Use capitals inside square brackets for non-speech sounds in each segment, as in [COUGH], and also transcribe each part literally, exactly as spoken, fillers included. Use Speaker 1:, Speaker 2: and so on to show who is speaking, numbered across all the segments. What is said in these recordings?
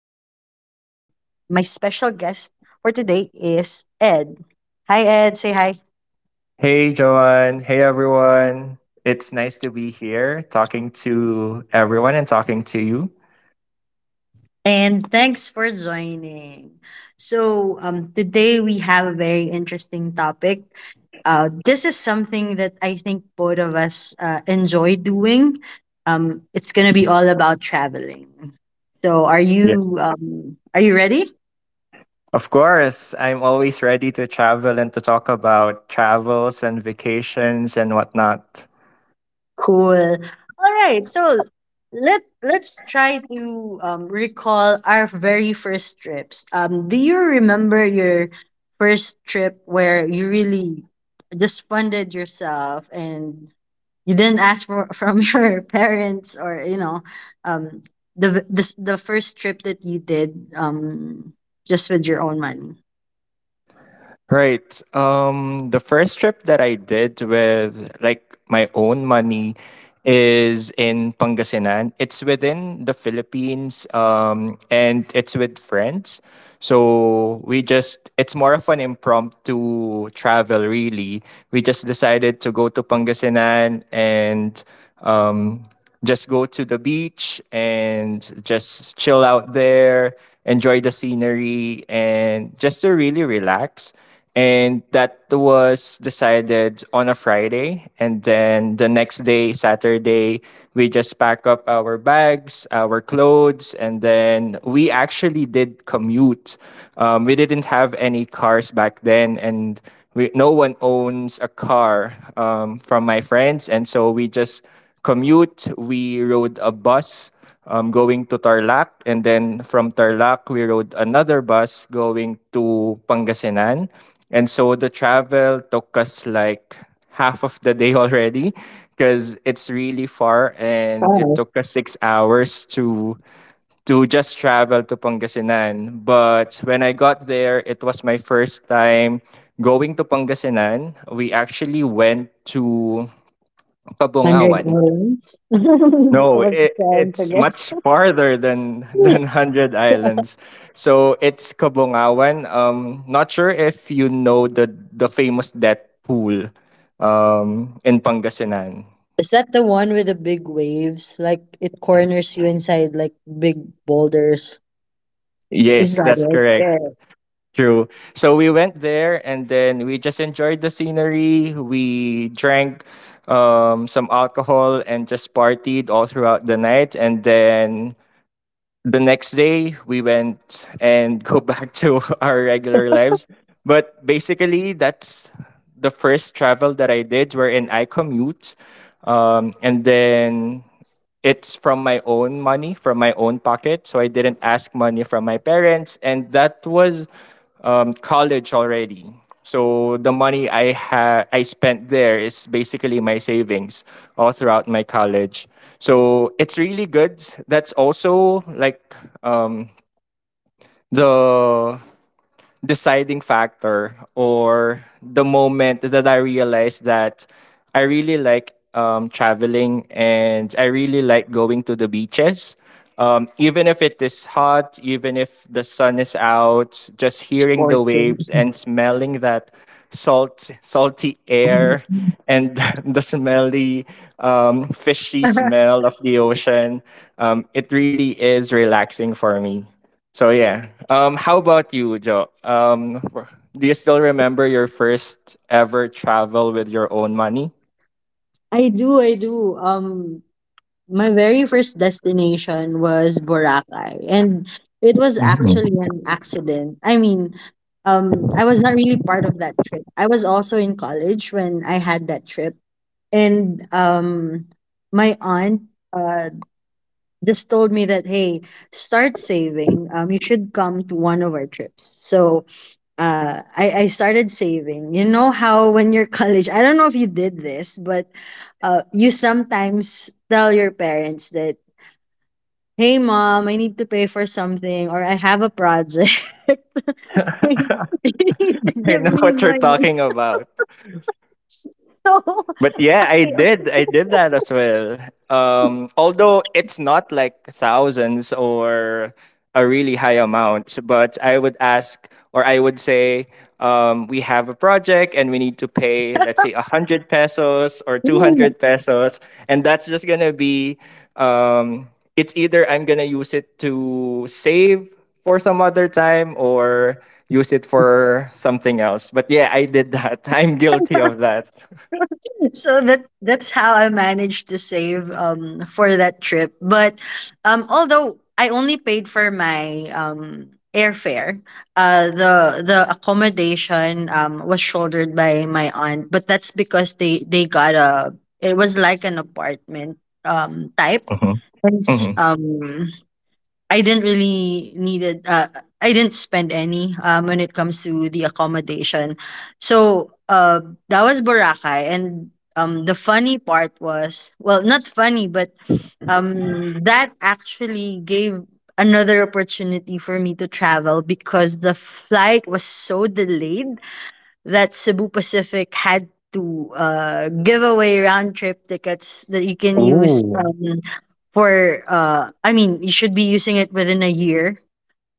Speaker 1: My special guest for today is Ed. Hi, Ed. Say hi.
Speaker 2: Hey, Joanne. Hey, everyone. It's nice to be here talking to everyone and talking to you.
Speaker 1: And thanks for joining. So, um, today we have a very interesting topic. Uh, this is something that I think both of us uh, enjoy doing. Um, it's going to be all about traveling. So, are
Speaker 2: Yeah.
Speaker 1: you um, are you ready?
Speaker 2: Of course, I'm always ready to travel and to talk about travels and vacations and whatnot.
Speaker 1: Cool. All right. So let let's try to um, recall our very first trips. Um, do you remember your first trip where you really just funded yourself and you didn't ask for from [LAUGHS] your parents or you know um, the the s- the first trip that you did um, just with your own money?
Speaker 2: Right. Um, the first trip that I did with like my own money is in Pangasinan. It's within the Philippines, um, and it's with friends. So we just it's more of an impromptu travel really. We just decided to go to Pangasinan and um just go to the beach and just chill out there, enjoy the scenery and just to really relax, and that was decided on a Friday. And then the next day, Saturday, we just pack up our bags, our clothes, and then we actually did commute. Um, we didn't have any cars back then, and we, no one owns a car um, from my friends. And so we just commute. We rode a bus um, going to Tarlac. And then from Tarlac, we rode another bus going to Pangasinan. And so the travel took us like half of the day [LAUGHS] already because it's really far and it
Speaker 1: Oh,
Speaker 2: took us six hours to to just travel to Pangasinan. But when I got there, it was my first time going to Pangasinan. We actually went to
Speaker 1: 100
Speaker 2: Kabungawan.
Speaker 1: dollars. [LAUGHS] I
Speaker 2: No,
Speaker 1: was
Speaker 2: it,
Speaker 1: trying to
Speaker 2: it's
Speaker 1: guess.
Speaker 2: much farther than [LAUGHS] than Hundred
Speaker 1: [LAUGHS]
Speaker 2: Islands. So it's Kabungawan. Um, not sure if you know the the famous death pool, um, in Pangasinan.
Speaker 1: Is that the one with the big waves? Like it corners you inside like big boulders. Is
Speaker 2: Yes,
Speaker 1: that
Speaker 2: that's
Speaker 1: it?
Speaker 2: correct.
Speaker 1: Yes,
Speaker 2: True. So we went there and then we just enjoyed the scenery. We drank um, some alcohol and just partied all throughout the night. And then the next day we went and go [LAUGHS] back to our regular lives, but basically that's the first travel that I did wherein I commute, um, and then it's from my own money, from my own pocket. So I didn't ask money from my parents. And that was um, college already. So the money I ha- I spent there is basically my savings all throughout my college. So it's really good. That's also like um, the deciding factor or the moment that I realized that I really like um, traveling, and I really like going to the beaches. Um, even if it is hot, even if the sun is out, just hearing the
Speaker 1: fourteen.
Speaker 2: waves and smelling that salt, salty air and [LAUGHS] the smelly, um, fishy
Speaker 1: [LAUGHS]
Speaker 2: smell of the ocean, um, it really is relaxing for me. So yeah. Um, how about you, Joe? Um, wh- do you still remember your first ever travel with your own money?
Speaker 1: I do, I do. Um, my very first destination was Boracay, and it was
Speaker 2: Mhm.
Speaker 1: actually an accident. I mean, um, I was not really part of that trip. I was also in college when I had that trip, and um, my aunt, uh, just told me that, hey, start saving, um you should come to one of our trips. So uh i i started saving. You know how when you're [LAUGHS] college, I don't know if you did this, but uh you sometimes tell your parents that, hey, mom, I need to pay for something or I have a project [LAUGHS]
Speaker 2: [LAUGHS]
Speaker 1: you need to [LAUGHS]
Speaker 2: I
Speaker 1: give
Speaker 2: know
Speaker 1: me
Speaker 2: what you're
Speaker 1: money.
Speaker 2: talking about. But
Speaker 1: [LAUGHS]
Speaker 2: yeah, I did. I did that as well. Um, although it's not like thousands or a really high amount, but I would ask or I would say, um, we have a project and we need to pay, let's say, one hundred pesos or
Speaker 1: so
Speaker 2: two hundred pesos. And that's just going to be, um, it's either I'm going to use it to save for some other time or use it for something else. But yeah, I did that. [LAUGHS] I'm guilty of that.
Speaker 1: so that that's how I managed to save um for that trip. But um although I only paid for my um airfare, uh the the accommodation um was shouldered by my aunt, but that's because they they got a, it was like an apartment um type. It's,
Speaker 2: Mhm.
Speaker 1: um I didn't really needed uh I didn't spend any um when it comes to the accommodation. So uh that was Boracay. And um the funny part was, well, not funny, but um that actually gave another opportunity for me to travel because the flight was so delayed that Cebu Pacific had to uh, give away round trip tickets that you can use
Speaker 2: Ooh.
Speaker 1: um, for uh, I mean you should be using it within a year.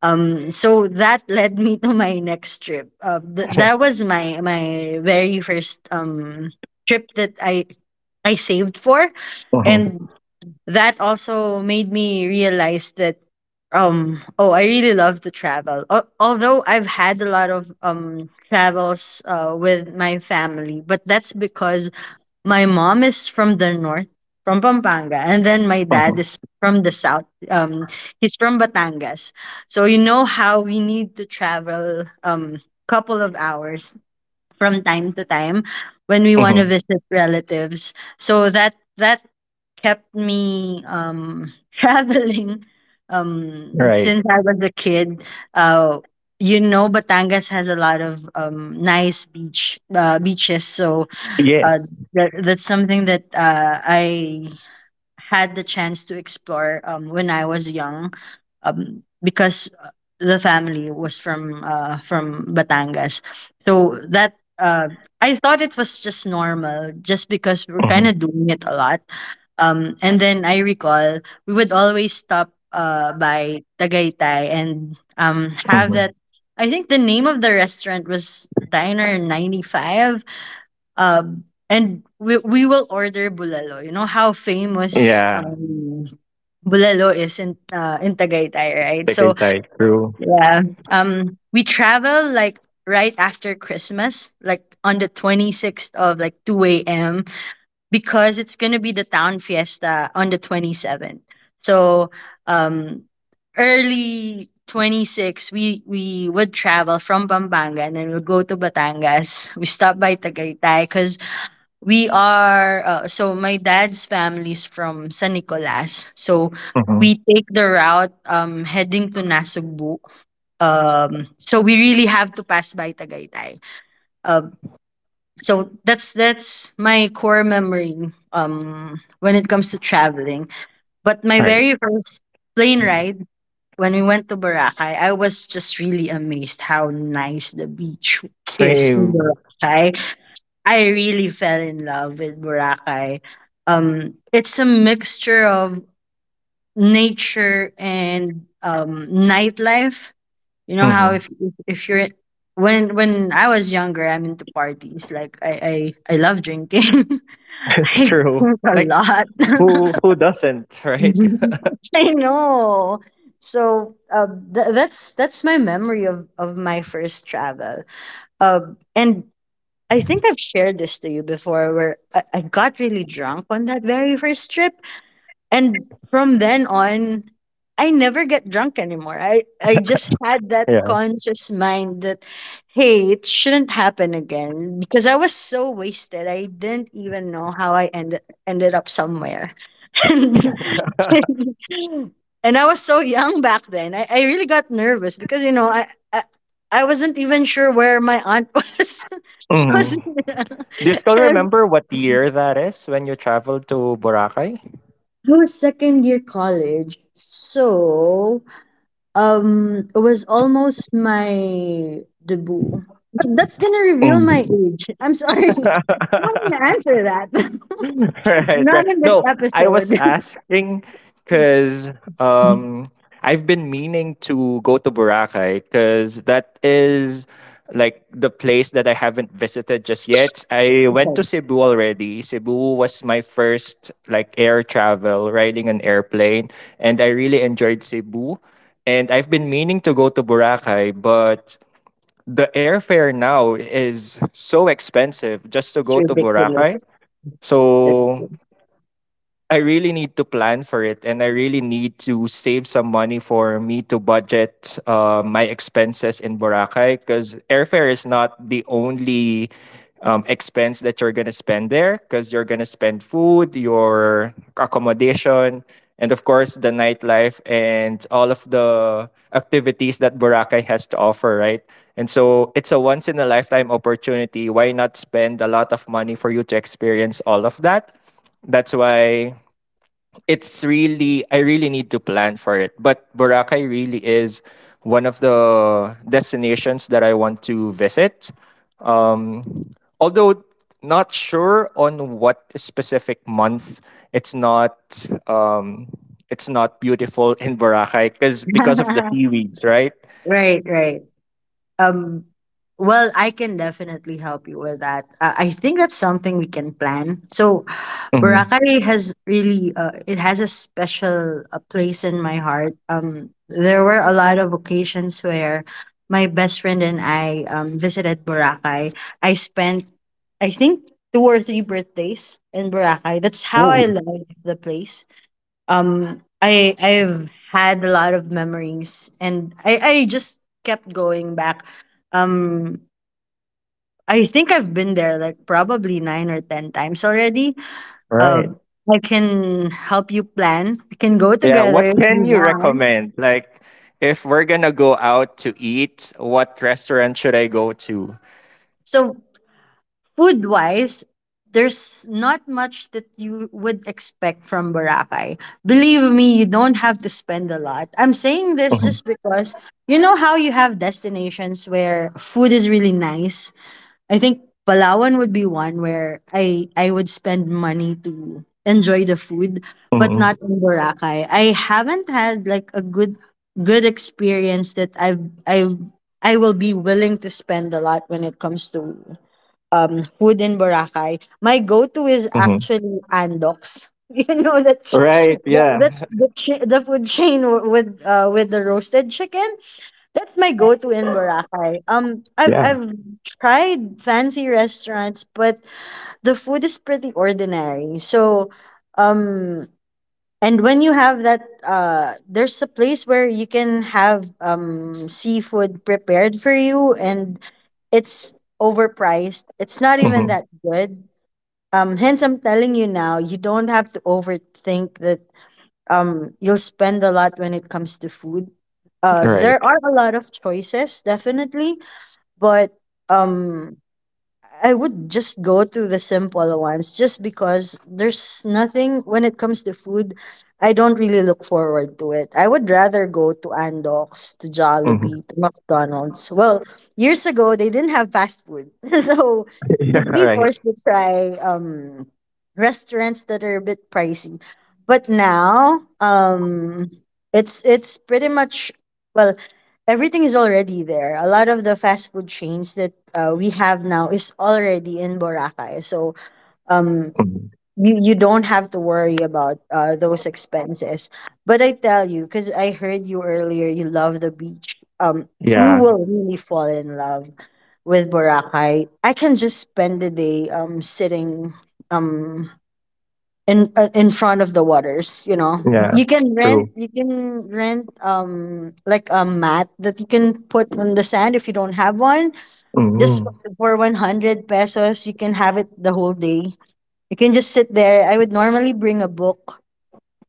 Speaker 1: Um, so that led me to my next trip. Uh, th- that
Speaker 2: [LAUGHS]
Speaker 1: was my my very first um, trip that I I saved for,
Speaker 2: Mhm,
Speaker 1: and that also made me realize that um oh, I really love to travel. Al although I've had a lot of um travels uh, with my family, but that's because my mom is from the north, from Pampanga, and then my dad
Speaker 2: mhm,
Speaker 1: is from the south, um he's from Batangas. So you know how we need to travel um couple of hours from time to time when we want to
Speaker 2: mhm.
Speaker 1: visit relatives. So that that kept me um, [LAUGHS] traveling um,
Speaker 2: Right.
Speaker 1: since I was a kid. Uh, you know, Batangas has a lot of um, nice beach uh, beaches, so uh,
Speaker 2: Yes.
Speaker 1: that, that's something that uh, I had the chance to explore um, when I was young, um, because uh, the family was from uh, from Batangas. So that uh, I thought it was just normal, just because we were
Speaker 2: Mhm,
Speaker 1: kind of doing it a lot. Um, and then I recall we would always stop uh, by Tagaytay and um, have
Speaker 2: mhm.
Speaker 1: that. I think the name of the restaurant was Diner ninety-five, um, and we, we will order bulalo. You know how famous
Speaker 2: Yeah.
Speaker 1: um, bulalo is in uh, in Tagaytay, right? So
Speaker 2: Tagaytay. True.
Speaker 1: yeah, um, we travel like right after Christmas, like on the twenty sixth of like two a m because it's gonna be the town fiesta on the twenty seventh. So um, early twenty-six we we would travel from Pampanga, and then we'll go to Batangas. We stop by Tagaytay cuz we are uh, so my dad's family's from San Nicolas. So
Speaker 2: Mhm.
Speaker 1: we take the route um heading to Nasugbu. Um so we really have to pass by Tagaytay. Um so that's that's my core memory um when it comes to traveling. But my
Speaker 2: Right.
Speaker 1: very first plane ride, when we went to Boracay, I was just really amazed how nice the beach is in
Speaker 2: Same.
Speaker 1: Boracay. I really fell in love with Boracay. Um, it's a mixture of nature and um, nightlife. You know how
Speaker 2: Mhm.
Speaker 1: if if, if you're when when I was younger, I'm into parties. Like I I, I love drinking. [LAUGHS]
Speaker 2: [LAUGHS]
Speaker 1: I
Speaker 2: True.
Speaker 1: drink a
Speaker 2: Like
Speaker 1: lot.
Speaker 2: who
Speaker 1: [LAUGHS]
Speaker 2: who doesn't, right? [LAUGHS]
Speaker 1: [LAUGHS] I know. So uh, th- that's that's my memory of of my first travel. Um, and I think I've shared this to you before where I, I got really drunk on that very first trip. And from then on, I never get drunk anymore. I, I just had that
Speaker 2: Yeah.
Speaker 1: conscious mind that, hey, it shouldn't happen again because I was so wasted. I didn't even know how I ended, ended up somewhere. [LAUGHS] And I was so young back then. I, I really got nervous because, you know, I, I, I wasn't even sure where my aunt was. [LAUGHS]
Speaker 2: Mhm.
Speaker 1: Was-
Speaker 2: Do you still
Speaker 1: [LAUGHS]
Speaker 2: remember what year that is when you traveled to Boracay?
Speaker 1: It was second year college, so um, it was almost my debut. But that's gonna reveal my
Speaker 2: Mm.
Speaker 1: age. I'm sorry. [LAUGHS] I'm not gonna
Speaker 2: [LAUGHS]
Speaker 1: answer that. [LAUGHS]
Speaker 2: [LAUGHS] Right,
Speaker 1: Not
Speaker 2: right.
Speaker 1: in this
Speaker 2: No, I was
Speaker 1: episode.
Speaker 2: asking because
Speaker 1: [LAUGHS]
Speaker 2: um, I've been meaning to go to Boracay because that is like the place that I haven't visited just yet. I went to
Speaker 1: Okay,
Speaker 2: Cebu already. Cebu was my first like air travel, riding an airplane, and I really enjoyed Cebu. And I've been meaning to go to Boracay, but the airfare now is so expensive just to
Speaker 1: it's
Speaker 2: go to
Speaker 1: ridiculous.
Speaker 2: Boracay.
Speaker 1: That's
Speaker 2: So I really need to plan for it, and I really need to save some money for me to budget uh, my expenses in Boracay, because airfare is not the only um, expense that you're going to spend there, because you're going to spend food, your accommodation, and of course the nightlife and all of the activities that Boracay has to offer, right? And so it's a once in a lifetime opportunity. Why not spend a lot of money for you to experience all of that? That's why it's really I really need to plan for it. But Boracay really is one of the destinations that I want to visit. Um, Although not sure on what specific month. It's not um, it's not beautiful in Boracay because because of the
Speaker 1: [LAUGHS]
Speaker 2: seaweeds, right?
Speaker 1: right, right. Um, well, I can definitely help you with that. Uh, I think that's something we can plan. So,
Speaker 2: Mhm.
Speaker 1: Boracay has really uh, it has a special uh, place in my heart. Um, there were a lot of occasions where my best friend and I um, visited Boracay. I spent, I think, two or three birthdays in Boracay. That's how I
Speaker 2: Ooh,
Speaker 1: love the place. Um i i've had a lot of memories, and i i just kept going back. um I think I've been there like probably nine or ten times already. uh,
Speaker 2: right.
Speaker 1: I can help you plan. We can go
Speaker 2: Yeah,
Speaker 1: together
Speaker 2: what
Speaker 1: if you
Speaker 2: can you
Speaker 1: want.
Speaker 2: recommend? Like, if we're gonna go out to eat, what restaurant should I go to?
Speaker 1: So food wise, there's not much that you would expect from Boracay. Believe me, you don't have to spend a lot. I'm saying this just because you know how you have destinations where food is really nice. I think Palawan would be one where I I would spend money to enjoy the food, but
Speaker 2: Hmm.
Speaker 1: not in Boracay. I haven't had like a good good experience that I've I've I will be willing to spend a lot when it comes to um, food in Boracay. My go-to is
Speaker 2: Hmm.
Speaker 1: actually Andox. [LAUGHS] You know that ch-
Speaker 2: Right,
Speaker 1: that
Speaker 2: yeah.
Speaker 1: that's
Speaker 2: [LAUGHS]
Speaker 1: the ch- the food chain w- with uh with the roasted chicken. That's my go-to in Boracay. Um, I've
Speaker 2: Yeah.
Speaker 1: I've tried fancy restaurants, but the food is pretty ordinary. So, um, and when you have that, uh, there's a place where you can have um, seafood prepared for you, and it's overpriced. It's not even
Speaker 2: Hmm.
Speaker 1: that good. Um, hence, I'm telling you now, you don't have to overthink that. Um, you'll spend a lot when it comes to food. Uh,
Speaker 2: Right.
Speaker 1: there are a lot of choices, definitely, but um, I would just go to the simple ones just because there's nothing when it comes to food. I don't really look forward to it. I would rather go to Andox, to
Speaker 2: Hmm.
Speaker 1: Jollibee, to McDonald's. Well, years ago they didn't have fast food. [LAUGHS] So
Speaker 2: [LAUGHS] Yeah,
Speaker 1: you'd be
Speaker 2: right.
Speaker 1: forced to try um restaurants that are a bit pricey. But now, um it's it's pretty much, well, everything is already there. A lot of the fast food chains that uh, we have now is already in Boracay. So um,
Speaker 2: Hmm.
Speaker 1: you you don't have to worry about uh, those expenses. But I tell you, because I heard you earlier, you love the beach. Um, you
Speaker 2: Yeah.
Speaker 1: will really fall in love with Boracay. I can just spend the day um sitting um in uh, in front of the waters. You know,
Speaker 2: Yeah.
Speaker 1: you can
Speaker 2: True.
Speaker 1: rent you can rent um like a mat that you can put on the sand if you don't have one,
Speaker 2: Hmm.
Speaker 1: just for one hundred pesos you can have it the whole day. You can just sit there. I would normally bring a book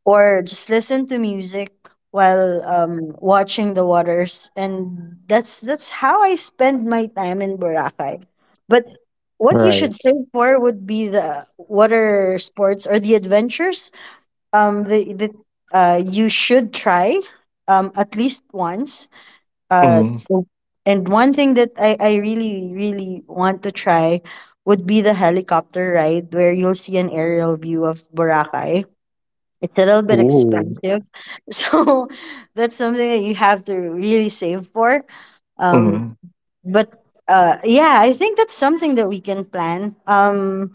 Speaker 1: or just listen to music while um watching the waters. And that's that's how I spend my time in Boracay. But what you
Speaker 2: Right.
Speaker 1: should save for would be the water sports or the adventures. Um the, the uh You should try um at least once. uh
Speaker 2: Hmm.
Speaker 1: and one thing that I, I really really want to try would be the helicopter ride where you'll see an aerial view of Boracay. It's a little bit
Speaker 2: Ooh.
Speaker 1: expensive. [LAUGHS] So that's something that you have to really save for um
Speaker 2: Hmm.
Speaker 1: but uh yeah, I think that's something that we can plan. um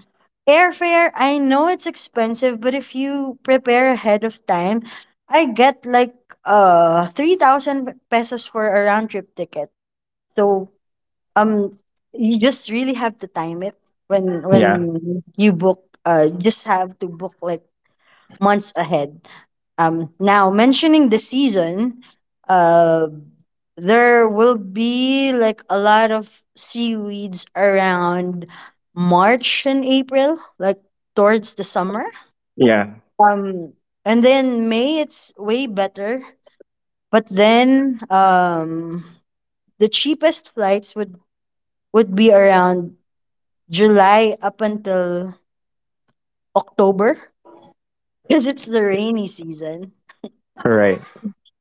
Speaker 1: Airfare, I know it's expensive, but if you prepare ahead of time, I get like uh three thousand pesos for a round trip ticket. So um you just really have to time it. when
Speaker 2: Yeah.
Speaker 1: when you book, uh just have to book like months ahead. Um, now, mentioning the season, uh, there will be like a lot of seaweeds around March and April, like towards the summer.
Speaker 2: Yeah.
Speaker 1: Um, and then May, it's way better. But then um, the cheapest flights would, would be around July up until October, because it's the rainy season.
Speaker 2: Right.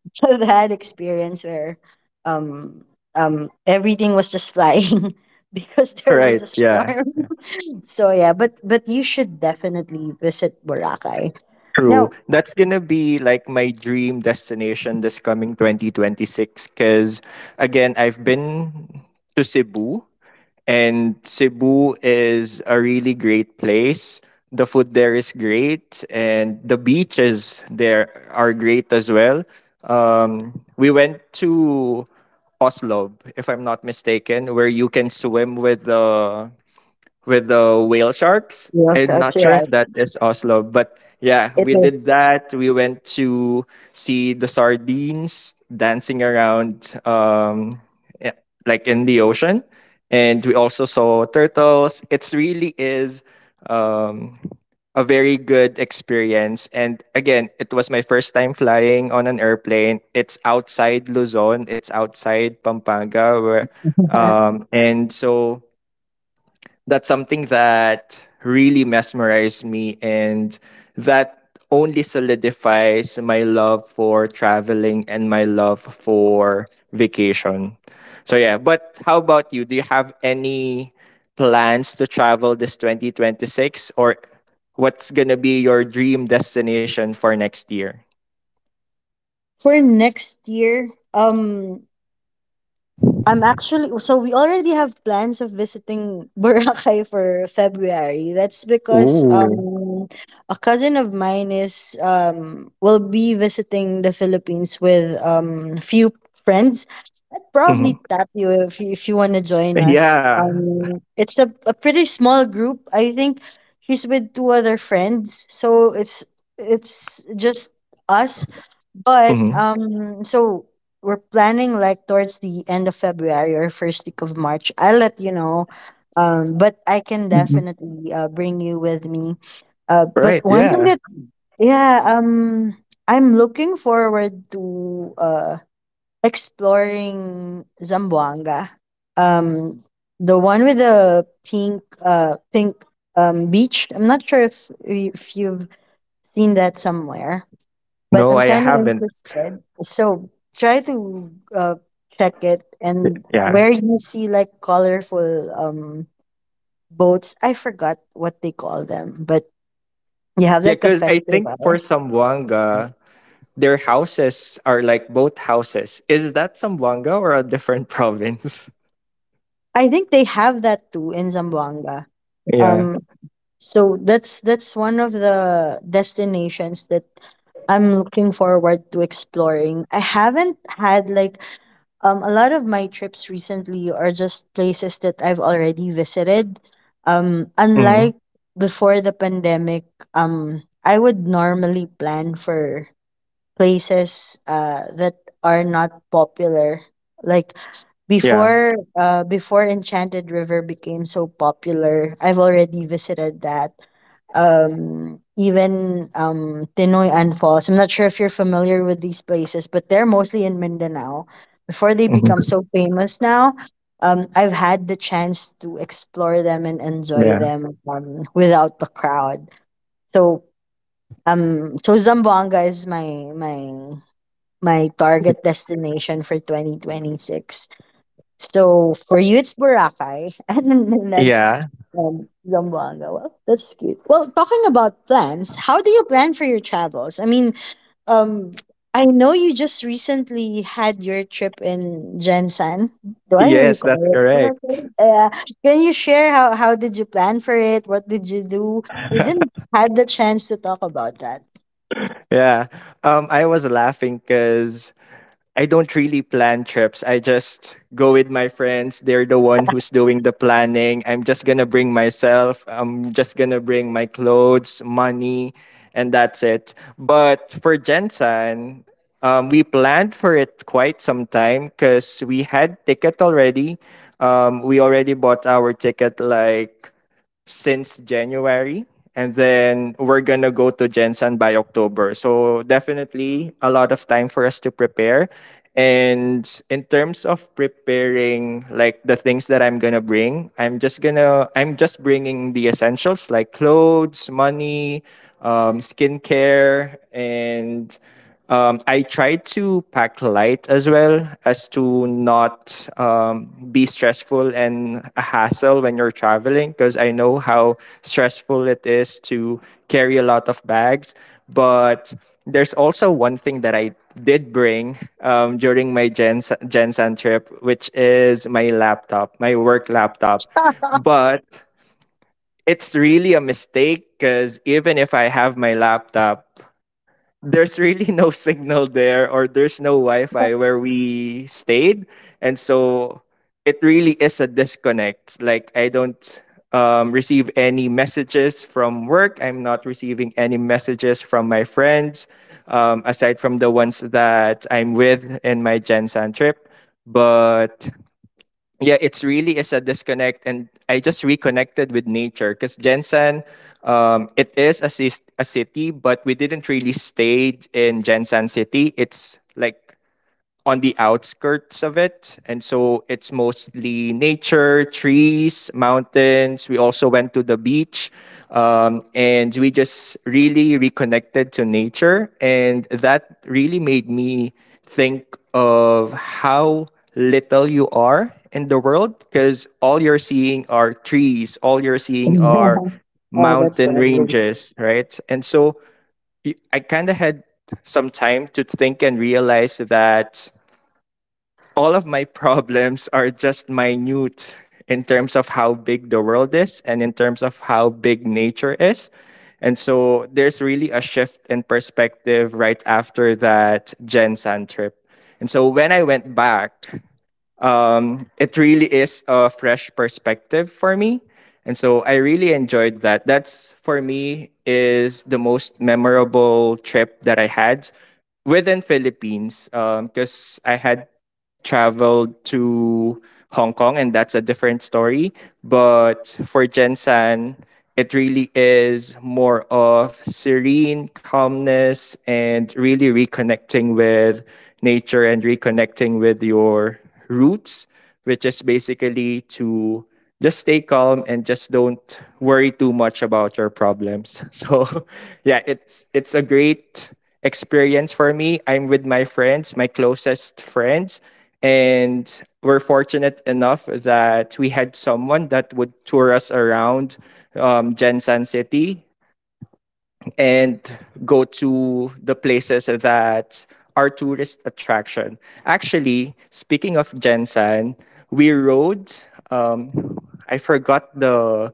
Speaker 1: [LAUGHS] I've had experience where um um everything was just flying [LAUGHS] because
Speaker 2: [LAUGHS]
Speaker 1: there
Speaker 2: Right,
Speaker 1: was a
Speaker 2: yeah.
Speaker 1: storm.
Speaker 2: Yeah.
Speaker 1: [LAUGHS] So yeah, but but you should definitely visit Boracay.
Speaker 2: True.
Speaker 1: Now,
Speaker 2: That's gonna be like my dream destination this coming twenty twenty-six because, again, I've been to Cebu. And Cebu is a really great place. The food there is great, and the beaches there are great as well. Um, we went to Oslob, if I'm not mistaken, where you can swim with the with the whale sharks.
Speaker 1: yes,
Speaker 2: I'm
Speaker 1: that's
Speaker 2: not sure
Speaker 1: right.
Speaker 2: if that is Oslo, but yeah,
Speaker 1: It
Speaker 2: we did
Speaker 1: is.
Speaker 2: that. We went to see the sardines dancing around, um, yeah, like in the ocean, and we also saw turtles. It's really is um, a very good experience. And again, it was my first time flying on an airplane. It's outside Luzon. It's outside Pampanga, where,
Speaker 1: [LAUGHS]
Speaker 2: um, and so that's something that really mesmerized me, and that only solidifies my love for traveling and my love for vacation. So yeah, but how about you? Do you have any plans to travel this twenty twenty-six or what's going to be your dream destination for next year?
Speaker 1: For next year. Um, I'm actually, so we already have plans of visiting [LAUGHS] Boracay for February. That's because
Speaker 2: Ooh.
Speaker 1: um a cousin of mine is um will be visiting the Philippines with um few friends. I'd probably
Speaker 2: Mhm.
Speaker 1: tap you if you, if you want to join us.
Speaker 2: Yeah.
Speaker 1: Um it's a, a pretty small group. I think she's with two other friends. So it's it's just us. But
Speaker 2: Mhm.
Speaker 1: um so we're planning like towards the end of February or first week of March. I'll let you know. Um, but I can
Speaker 2: Mhm.
Speaker 1: definitely uh, bring you with me. Uh, but
Speaker 2: Right.
Speaker 1: one thing
Speaker 2: Yeah.
Speaker 1: that yeah, um, I'm looking forward to uh exploring Zamboanga. Um, the one with the pink uh pink um beach. I'm not sure if y- if you've seen that somewhere, but
Speaker 2: No,
Speaker 1: I'm
Speaker 2: I
Speaker 1: kind of
Speaker 2: haven't.
Speaker 1: interested. So try to uh, check it, and
Speaker 2: Yeah.
Speaker 1: where you see like colorful um boats. I forgot what they call them, but you have
Speaker 2: Yeah,
Speaker 1: like a
Speaker 2: because I think for
Speaker 1: festival.
Speaker 2: Sambuanga, their houses are like boat houses. Is that Sambuanga or a different [LAUGHS] province?
Speaker 1: I think they have that too in Zamboanga.
Speaker 2: Yeah.
Speaker 1: Um, so that's that's one of the destinations that I'm looking forward to exploring. I haven't had like, um, a lot of my trips recently are just places that I've already visited. Um,
Speaker 2: Hmm.
Speaker 1: unlike before the pandemic, um, I would normally plan for places uh, that are not popular. Like
Speaker 2: Yeah.
Speaker 1: before uh before Enchanted River became so popular, I've already visited that. Um, even um Tinoyan Falls. I'm not sure if you're familiar with these places, but they're mostly in Mindanao. Before they become
Speaker 2: Hmm.
Speaker 1: so famous now, um I've had the chance to explore them and enjoy
Speaker 2: Yeah.
Speaker 1: them, um, without the crowd. So um so Zamboanga is my my my target destination for twenty twenty-six. So for you, it's Boracay, [LAUGHS] and then that's,
Speaker 2: Yeah.
Speaker 1: um, Zamboanga. Well, that's cute. Well, talking about plans, how do you plan for your travels? I mean, um, I know you just recently had your trip in Jensen. Do I
Speaker 2: Yes, that's
Speaker 1: recall it?
Speaker 2: correct.
Speaker 1: Yeah. Can you share how how did you plan for it? What did you do? We didn't had the chance to talk about that.
Speaker 2: Yeah. Um, I was laughing because I don't really plan trips. I just go with my friends. They're the one who's doing the planning. I'm just gonna bring myself. I'm just gonna bring my clothes, money, and that's it. But for Jensen, um, we planned for it quite some time because we had ticket already. Um, we already bought our ticket like since January. And then we're gonna go to Jensen by October. So definitely a lot of time for us to prepare. And in terms of preparing like the things that I'm gonna bring, I'm just gonna I'm just bringing the essentials like clothes, money, um, skincare, and um, I try to pack light as well, as to not um, be stressful and a hassle when you're traveling because I know how stressful it is to carry a lot of bags. But there's also one thing that I did bring um, during my Gen- Gensan trip, which is my laptop, my work laptop. But it's really a mistake because even if I have my laptop, there's really [LAUGHS] no signal there, or there's no wi-fi where we stayed, and so it really is a disconnect. Like I don't um, receive any messages from work. I'm not receiving any messages from my friends, um, aside from the ones that I'm with in my Gen San trip. But yeah, it's really is a disconnect, and I just reconnected with nature because Jensen, um, it is a, cis- a city, but we didn't really stay in Jensen City. It's like on the outskirts of it. And so it's mostly nature, trees, mountains. We also went to the beach. Um, and we just really reconnected to nature. And that really made me think of how little you are in the world, because all you're seeing are trees, all you're seeing
Speaker 1: [LAUGHS]
Speaker 2: are
Speaker 1: Oh, that's
Speaker 2: mountain
Speaker 1: lovely.
Speaker 2: ranges, right? And so y- I kind of had some time to think and realize that all of my problems are just minute in terms of how big the world is and in terms of how big nature is. And so there's really a shift in perspective right after that Gen San trip. And so when I went back, um, it really is a fresh perspective for me. And so I really enjoyed that. That's for me is the most memorable trip that I had within Philippines, because I had traveled to Hong Kong, and that's a different story. But for Jensen, it really is more of serene calmness and really reconnecting with nature and reconnecting with your roots, which is basically to just stay calm and just don't worry too much about your problems. [LAUGHS] So yeah, it's it's a great experience for me. I'm with my friends, my closest friends, and we're fortunate enough that we had someone that would tour us around um, Jensen City and go to the places that are tourist attraction. Actually, speaking of Jensen, we rode. Um, I forgot the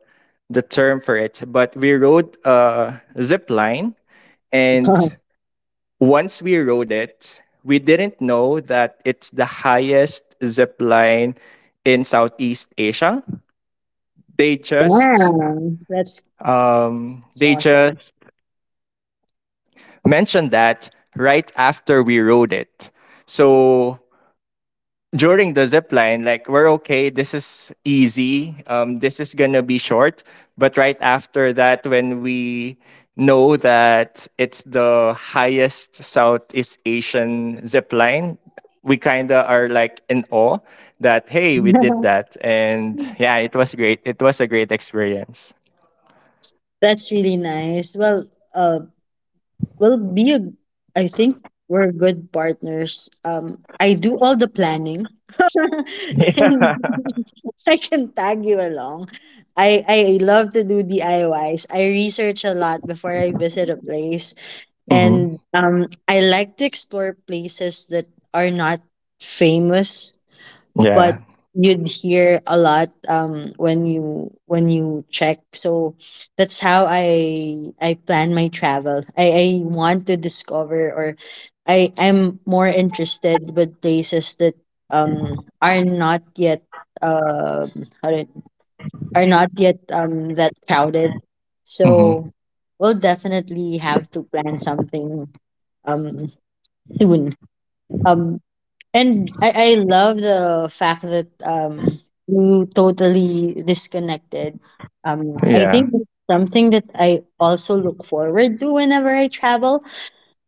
Speaker 2: the term for it, but we rode a zip line. And
Speaker 1: [LAUGHS]
Speaker 2: once we rode it, we didn't know that it's the highest zip line in Southeast Asia. They just
Speaker 1: Damn, that's,
Speaker 2: um,
Speaker 1: that's
Speaker 2: they
Speaker 1: awesome.
Speaker 2: just mentioned that right after we rode it. So during the zip line, like we're okay, this is easy, um, this is gonna be short. But right after that, when we know that it's the highest Southeast Asian zip line, we kinda are like in awe that hey, we did
Speaker 1: [LAUGHS]
Speaker 2: that, and yeah, it was great. It was a great experience.
Speaker 1: That's really nice. Well, uh, we'll be a, I think we're good partners. Um, I do all the planning. [LAUGHS] And [LAUGHS] I can tag you along. I, I love to do D I Ys. I Ys. I research a lot before I visit a place.
Speaker 2: Mm-hmm.
Speaker 1: And um, I like to explore places that are not famous, but
Speaker 2: Yeah.
Speaker 1: you'd hear a lot um when you when you check. So that's how i i plan my travel. I i want to discover, or i i'm more interested with places that um are not yet, um how do I- are not yet um that crowded. So
Speaker 2: Mm-hmm.
Speaker 1: we'll definitely have to plan something, um, soon. um and I, I love the fact that um you totally disconnected. Um, I
Speaker 2: Yeah.
Speaker 1: think that's something that I also look forward to whenever I travel.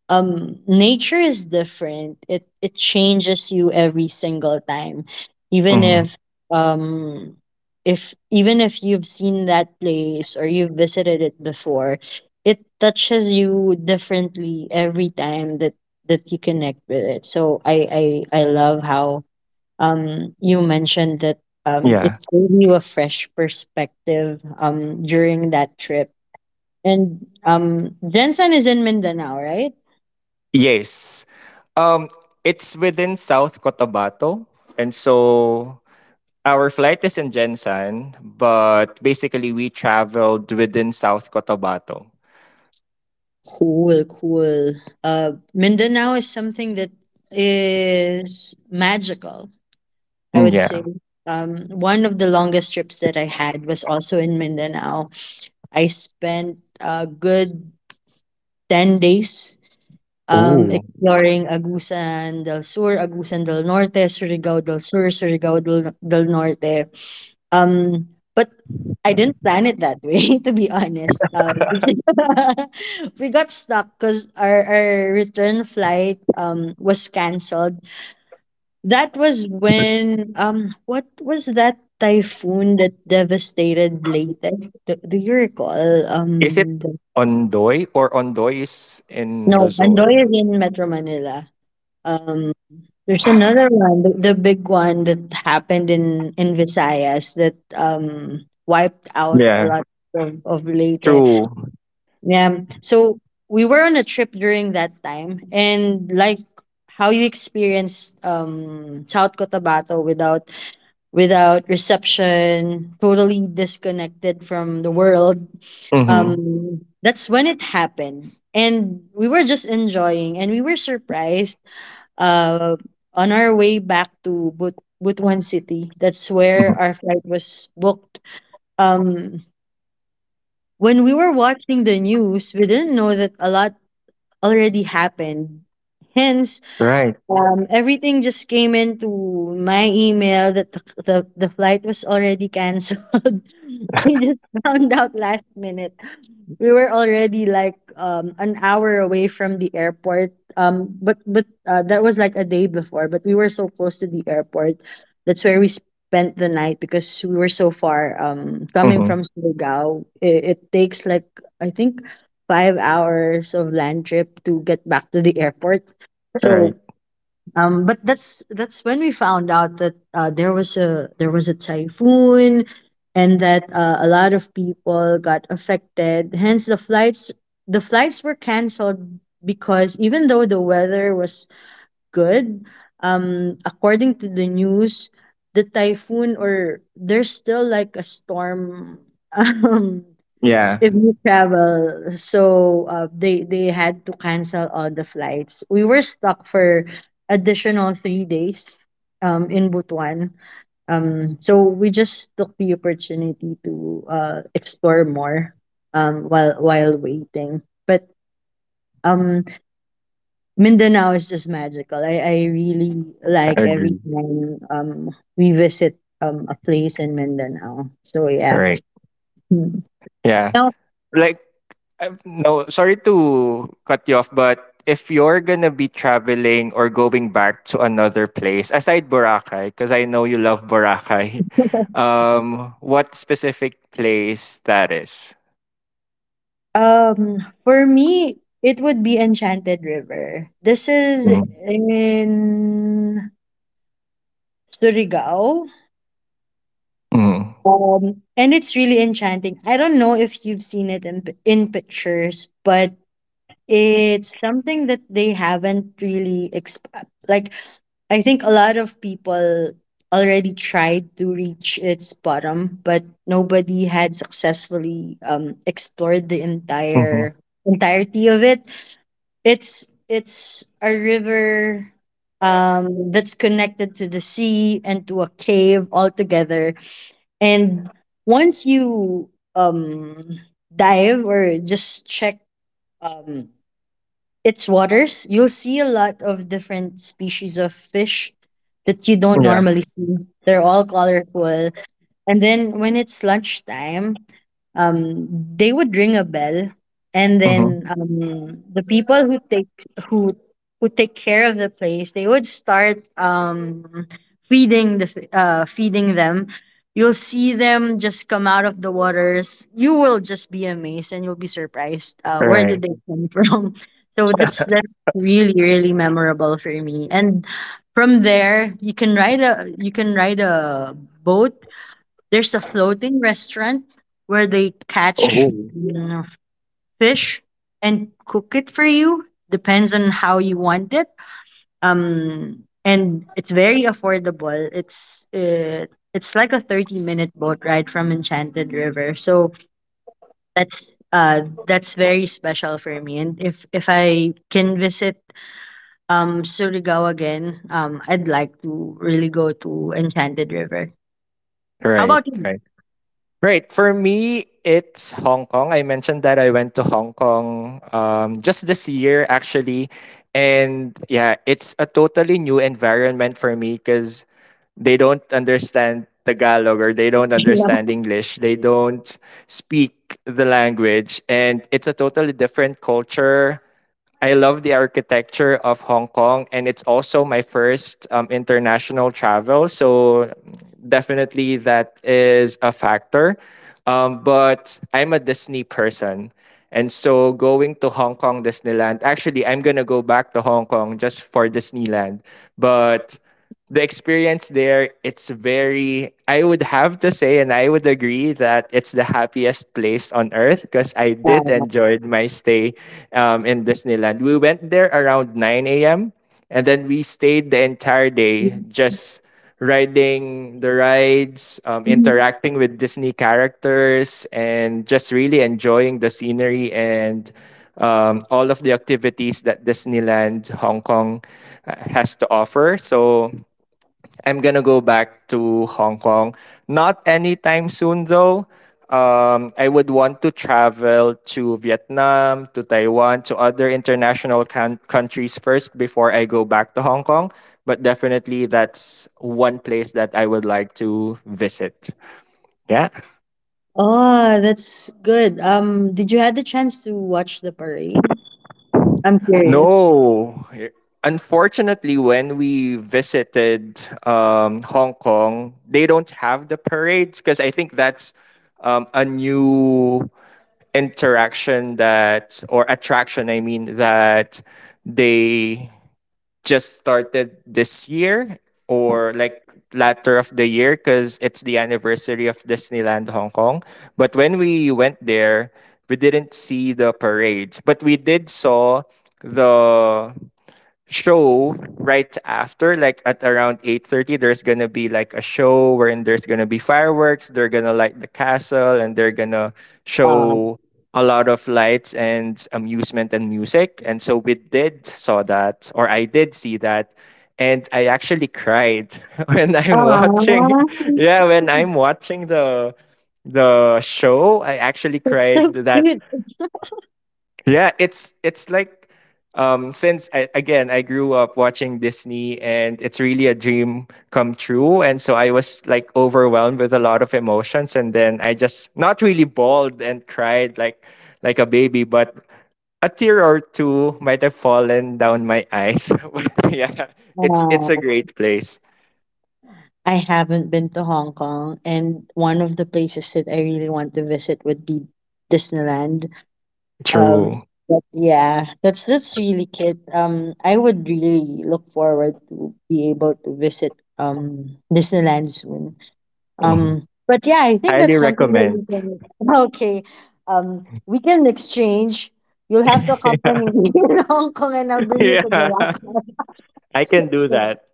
Speaker 1: um Nature is different. It it changes you every single time, even
Speaker 2: Mm-hmm.
Speaker 1: if um if even if you've seen that place or you've visited it before, it touches you differently every time that that you connect with it. So i i i love how um you mentioned that um
Speaker 2: Yeah.
Speaker 1: it gave you a fresh perspective, um, during that trip. And um, Jensen is in Mindanao, right?
Speaker 2: Yes. Um, it's within South Cotabato, and so our flight is in Jensan, but basically we traveled within South Cotabato.
Speaker 1: Cool, cool. Uh, Mindanao is something that is magical, I
Speaker 2: Mm,
Speaker 1: would say.
Speaker 2: yeah.
Speaker 1: Um, one of the longest trips that I had was also in Mindanao. I spent a good ten days, um,
Speaker 2: Oh,
Speaker 1: exploring Agusan del Sur, Agusan del Norte, Surigao del Sur, Surigao del, del Norte. Um, but I didn't plan it that way, [LAUGHS] to be honest. Um, [LAUGHS] we got stuck because our, our return flight um was canceled. That was when um what was that typhoon that devastated Leyte? Do, do you recall?
Speaker 2: is it
Speaker 1: Um, the,
Speaker 2: Ondoy or Ondoy is in
Speaker 1: no, Andoy is
Speaker 2: Luzon?
Speaker 1: in Metro Manila. Um, There's another one, the, the big one that happened in in Visayas that um wiped out a
Speaker 2: Yeah.
Speaker 1: lot of of Leyte.
Speaker 2: True.
Speaker 1: Yeah. So we were on a trip during that time, and like how you experienced um South Cotabato without without reception, totally disconnected from the world.
Speaker 2: Mm-hmm.
Speaker 1: Um, that's when it happened, and we were just enjoying, and we were surprised, uh, on our way back to But- Butuan City. That's where our flight was booked. Um, when we were watching the news, we didn't know that a lot already happened. Hence,
Speaker 2: Right.
Speaker 1: um, everything just came into my email that the, the, the flight was already canceled. [LAUGHS] We just found out last minute. We were already like um an hour away from the airport, um but but uh, that was like a day before, but we were so close to the airport. That's where we spent the night, because we were so far, um coming
Speaker 2: Mm-hmm.
Speaker 1: from Surigao. It, it takes like, I think, five hours of land trip to get back to the airport. So
Speaker 2: Right.
Speaker 1: um, but that's that's when we found out that uh, there was a there was a typhoon, and that uh, a lot of people got affected. Hence, the flights, the flights were canceled, because even though the weather was good, um, according to the news, the typhoon, or there's still like a storm. [LAUGHS] Um,
Speaker 2: Yeah,
Speaker 1: if you travel, so uh, they they had to cancel all the flights. We were stuck for additional three days, um, in Butuan. Um, so we just took the opportunity to uh, explore more, um, while while waiting. But um, Mindanao is just magical. I, I really
Speaker 2: I
Speaker 1: like every
Speaker 2: agree.
Speaker 1: time um, we visit um, a place in Mindanao. So yeah.
Speaker 2: Right.
Speaker 1: Hmm.
Speaker 2: Yeah. Like, Um, no, sorry to cut you off, but if you're gonna be traveling or going back to another place aside Boracay, because I know you love Boracay, [LAUGHS] um, what specific place that is?
Speaker 1: Um, for me, it would be Enchanted River. This is
Speaker 2: Mm-hmm.
Speaker 1: in Surigao. Um, and it's really enchanting. I don't know if you've seen it in pi- in pictures, but it's something that they haven't really exp- like I think a lot of people already tried to reach its bottom, but nobody had successfully um explored the
Speaker 2: Mm-hmm.
Speaker 1: entire entirety of it. It's it's a river um that's connected to the sea and to a cave altogether. And once you um dive or just check um its waters, you'll see a lot of different species of fish that you don't
Speaker 2: Yeah.
Speaker 1: normally see. They're all colorful. And then when it's lunchtime, um, they would ring a bell, and
Speaker 2: Mm-hmm.
Speaker 1: then um, the people who take who who take care of the place, they would start um, feeding the f- uh, feeding them. You'll see them just come out of the waters. You will just be amazed, and you'll be surprised. Uh, where
Speaker 2: Right.
Speaker 1: did they come from? [LAUGHS] So that's that's really really memorable for me. And from there, you can ride a you can ride a boat. There's a floating restaurant where they catch,
Speaker 2: Oh.
Speaker 1: you know, fish and cook it for you. Depends on how you want it. Um, and it's very affordable. It's uh, it's like a thirty minute boat ride from Enchanted River. So that's uh that's very special for me. And if if I can visit um Surigao again, um, I'd like to really go to Enchanted River. How
Speaker 2: Right.
Speaker 1: about
Speaker 2: Right. Right. For me, it's Hong Kong. I mentioned that I went to Hong Kong, um, just this year, actually. And yeah, it's a totally new environment for me because they don't understand Tagalog or they don't understand English. They don't speak the language. And it's a totally different culture. I love the architecture of Hong Kong, and it's also my first um, international travel. So definitely, that is a factor. Um, but I'm a Disney person. And so going to Hong Kong Disneyland, actually, I'm going to go back to Hong Kong just for Disneyland. But the experience there, it's very, I would have to say, and I would agree that it's the happiest place on earth because I did enjoy my stay, um, in Disneyland. We went there around nine a m. And then we stayed the entire day just riding the rides, um,
Speaker 1: you?
Speaker 2: interacting with Disney characters, and just really enjoying the scenery and um, all of the activities that Disneyland Hong Kong uh, has to offer. So I'm gonna go back to Hong Kong. Not anytime soon though. Um, I would want to travel to Vietnam, to Taiwan, to other international can- countries first before I go back to Hong Kong. But definitely, that's one place that I would like to visit. Yeah.
Speaker 1: Oh, that's good. Um, did you had the chance to watch the parade? I'm curious.
Speaker 2: No. Unfortunately, when we visited um, Hong Kong, they don't have the parades because I think that's um, a new interaction, that or attraction, I mean, that they just started this year, or like latter of the year because it's the anniversary of Disneyland Hong Kong. But when we went there, we didn't see the parade, but we did saw the show right after, like at around eight thirty, there's gonna be like a show wherein there's gonna be fireworks, they're gonna light the castle, and they're gonna
Speaker 1: Uh,
Speaker 2: show a lot of lights and amusement and music. And so we did saw that, or I did see that. And I actually cried [LAUGHS] when I'm watching,
Speaker 1: Aww.
Speaker 2: [LAUGHS] yeah,
Speaker 1: [LAUGHS]
Speaker 2: when I'm watching the the show, I actually
Speaker 1: That's
Speaker 2: cried.
Speaker 1: so
Speaker 2: That
Speaker 1: cute.
Speaker 2: yeah, it's it's like um since I, again, I grew up watching Disney, and it's really a dream come true. And so I was like overwhelmed with a lot of emotions, and then I just not really bawled and cried like like a baby, but a tear or two might have fallen down my eyes. [LAUGHS] But yeah, it's it's a
Speaker 1: Uh,
Speaker 2: great place.
Speaker 1: I haven't been to Hong Kong, and one of the places that I really want to visit would be Disneyland. Um,
Speaker 2: True.
Speaker 1: but yeah, that's that's really cute. Um, I would really look forward to be able to visit um Disneyland soon.
Speaker 2: Mhm.
Speaker 1: Um, but yeah, I think that's
Speaker 2: Highly
Speaker 1: something that
Speaker 2: recommend.
Speaker 1: we can. [LAUGHS] Okay, um, we can exchange. You'll have to
Speaker 2: [LAUGHS] Yeah.
Speaker 1: accompany me [LAUGHS] in Hong Kong, [LAUGHS] and I'll bring you to
Speaker 2: Yeah.
Speaker 1: Boracay.
Speaker 2: I can do that.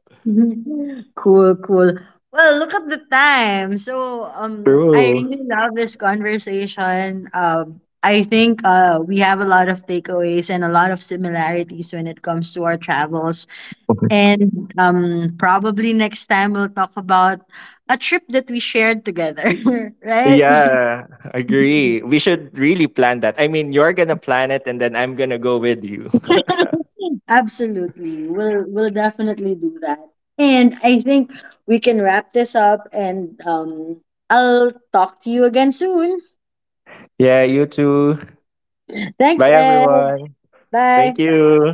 Speaker 1: [LAUGHS] Cool, cool. Well, look at the time. So, um, I
Speaker 2: True.
Speaker 1: really love this conversation. Um, I think uh, we have a lot of takeaways and a lot of similarities when it comes to our travels.
Speaker 2: [LAUGHS]
Speaker 1: And um, probably next time we'll talk about a trip that we shared together, [LAUGHS] right?
Speaker 2: Yeah, agree. We should really plan that. I mean, you're gonna plan it and then I'm gonna go with you. [LAUGHS]
Speaker 1: [LAUGHS] Absolutely. We'll we'll definitely do that. And I think we can wrap this up, and um, I'll talk to you again soon.
Speaker 2: Yeah, you too.
Speaker 1: Thanks,
Speaker 2: Bye,
Speaker 1: Ed.
Speaker 2: everyone.
Speaker 1: Bye.
Speaker 2: Thank you.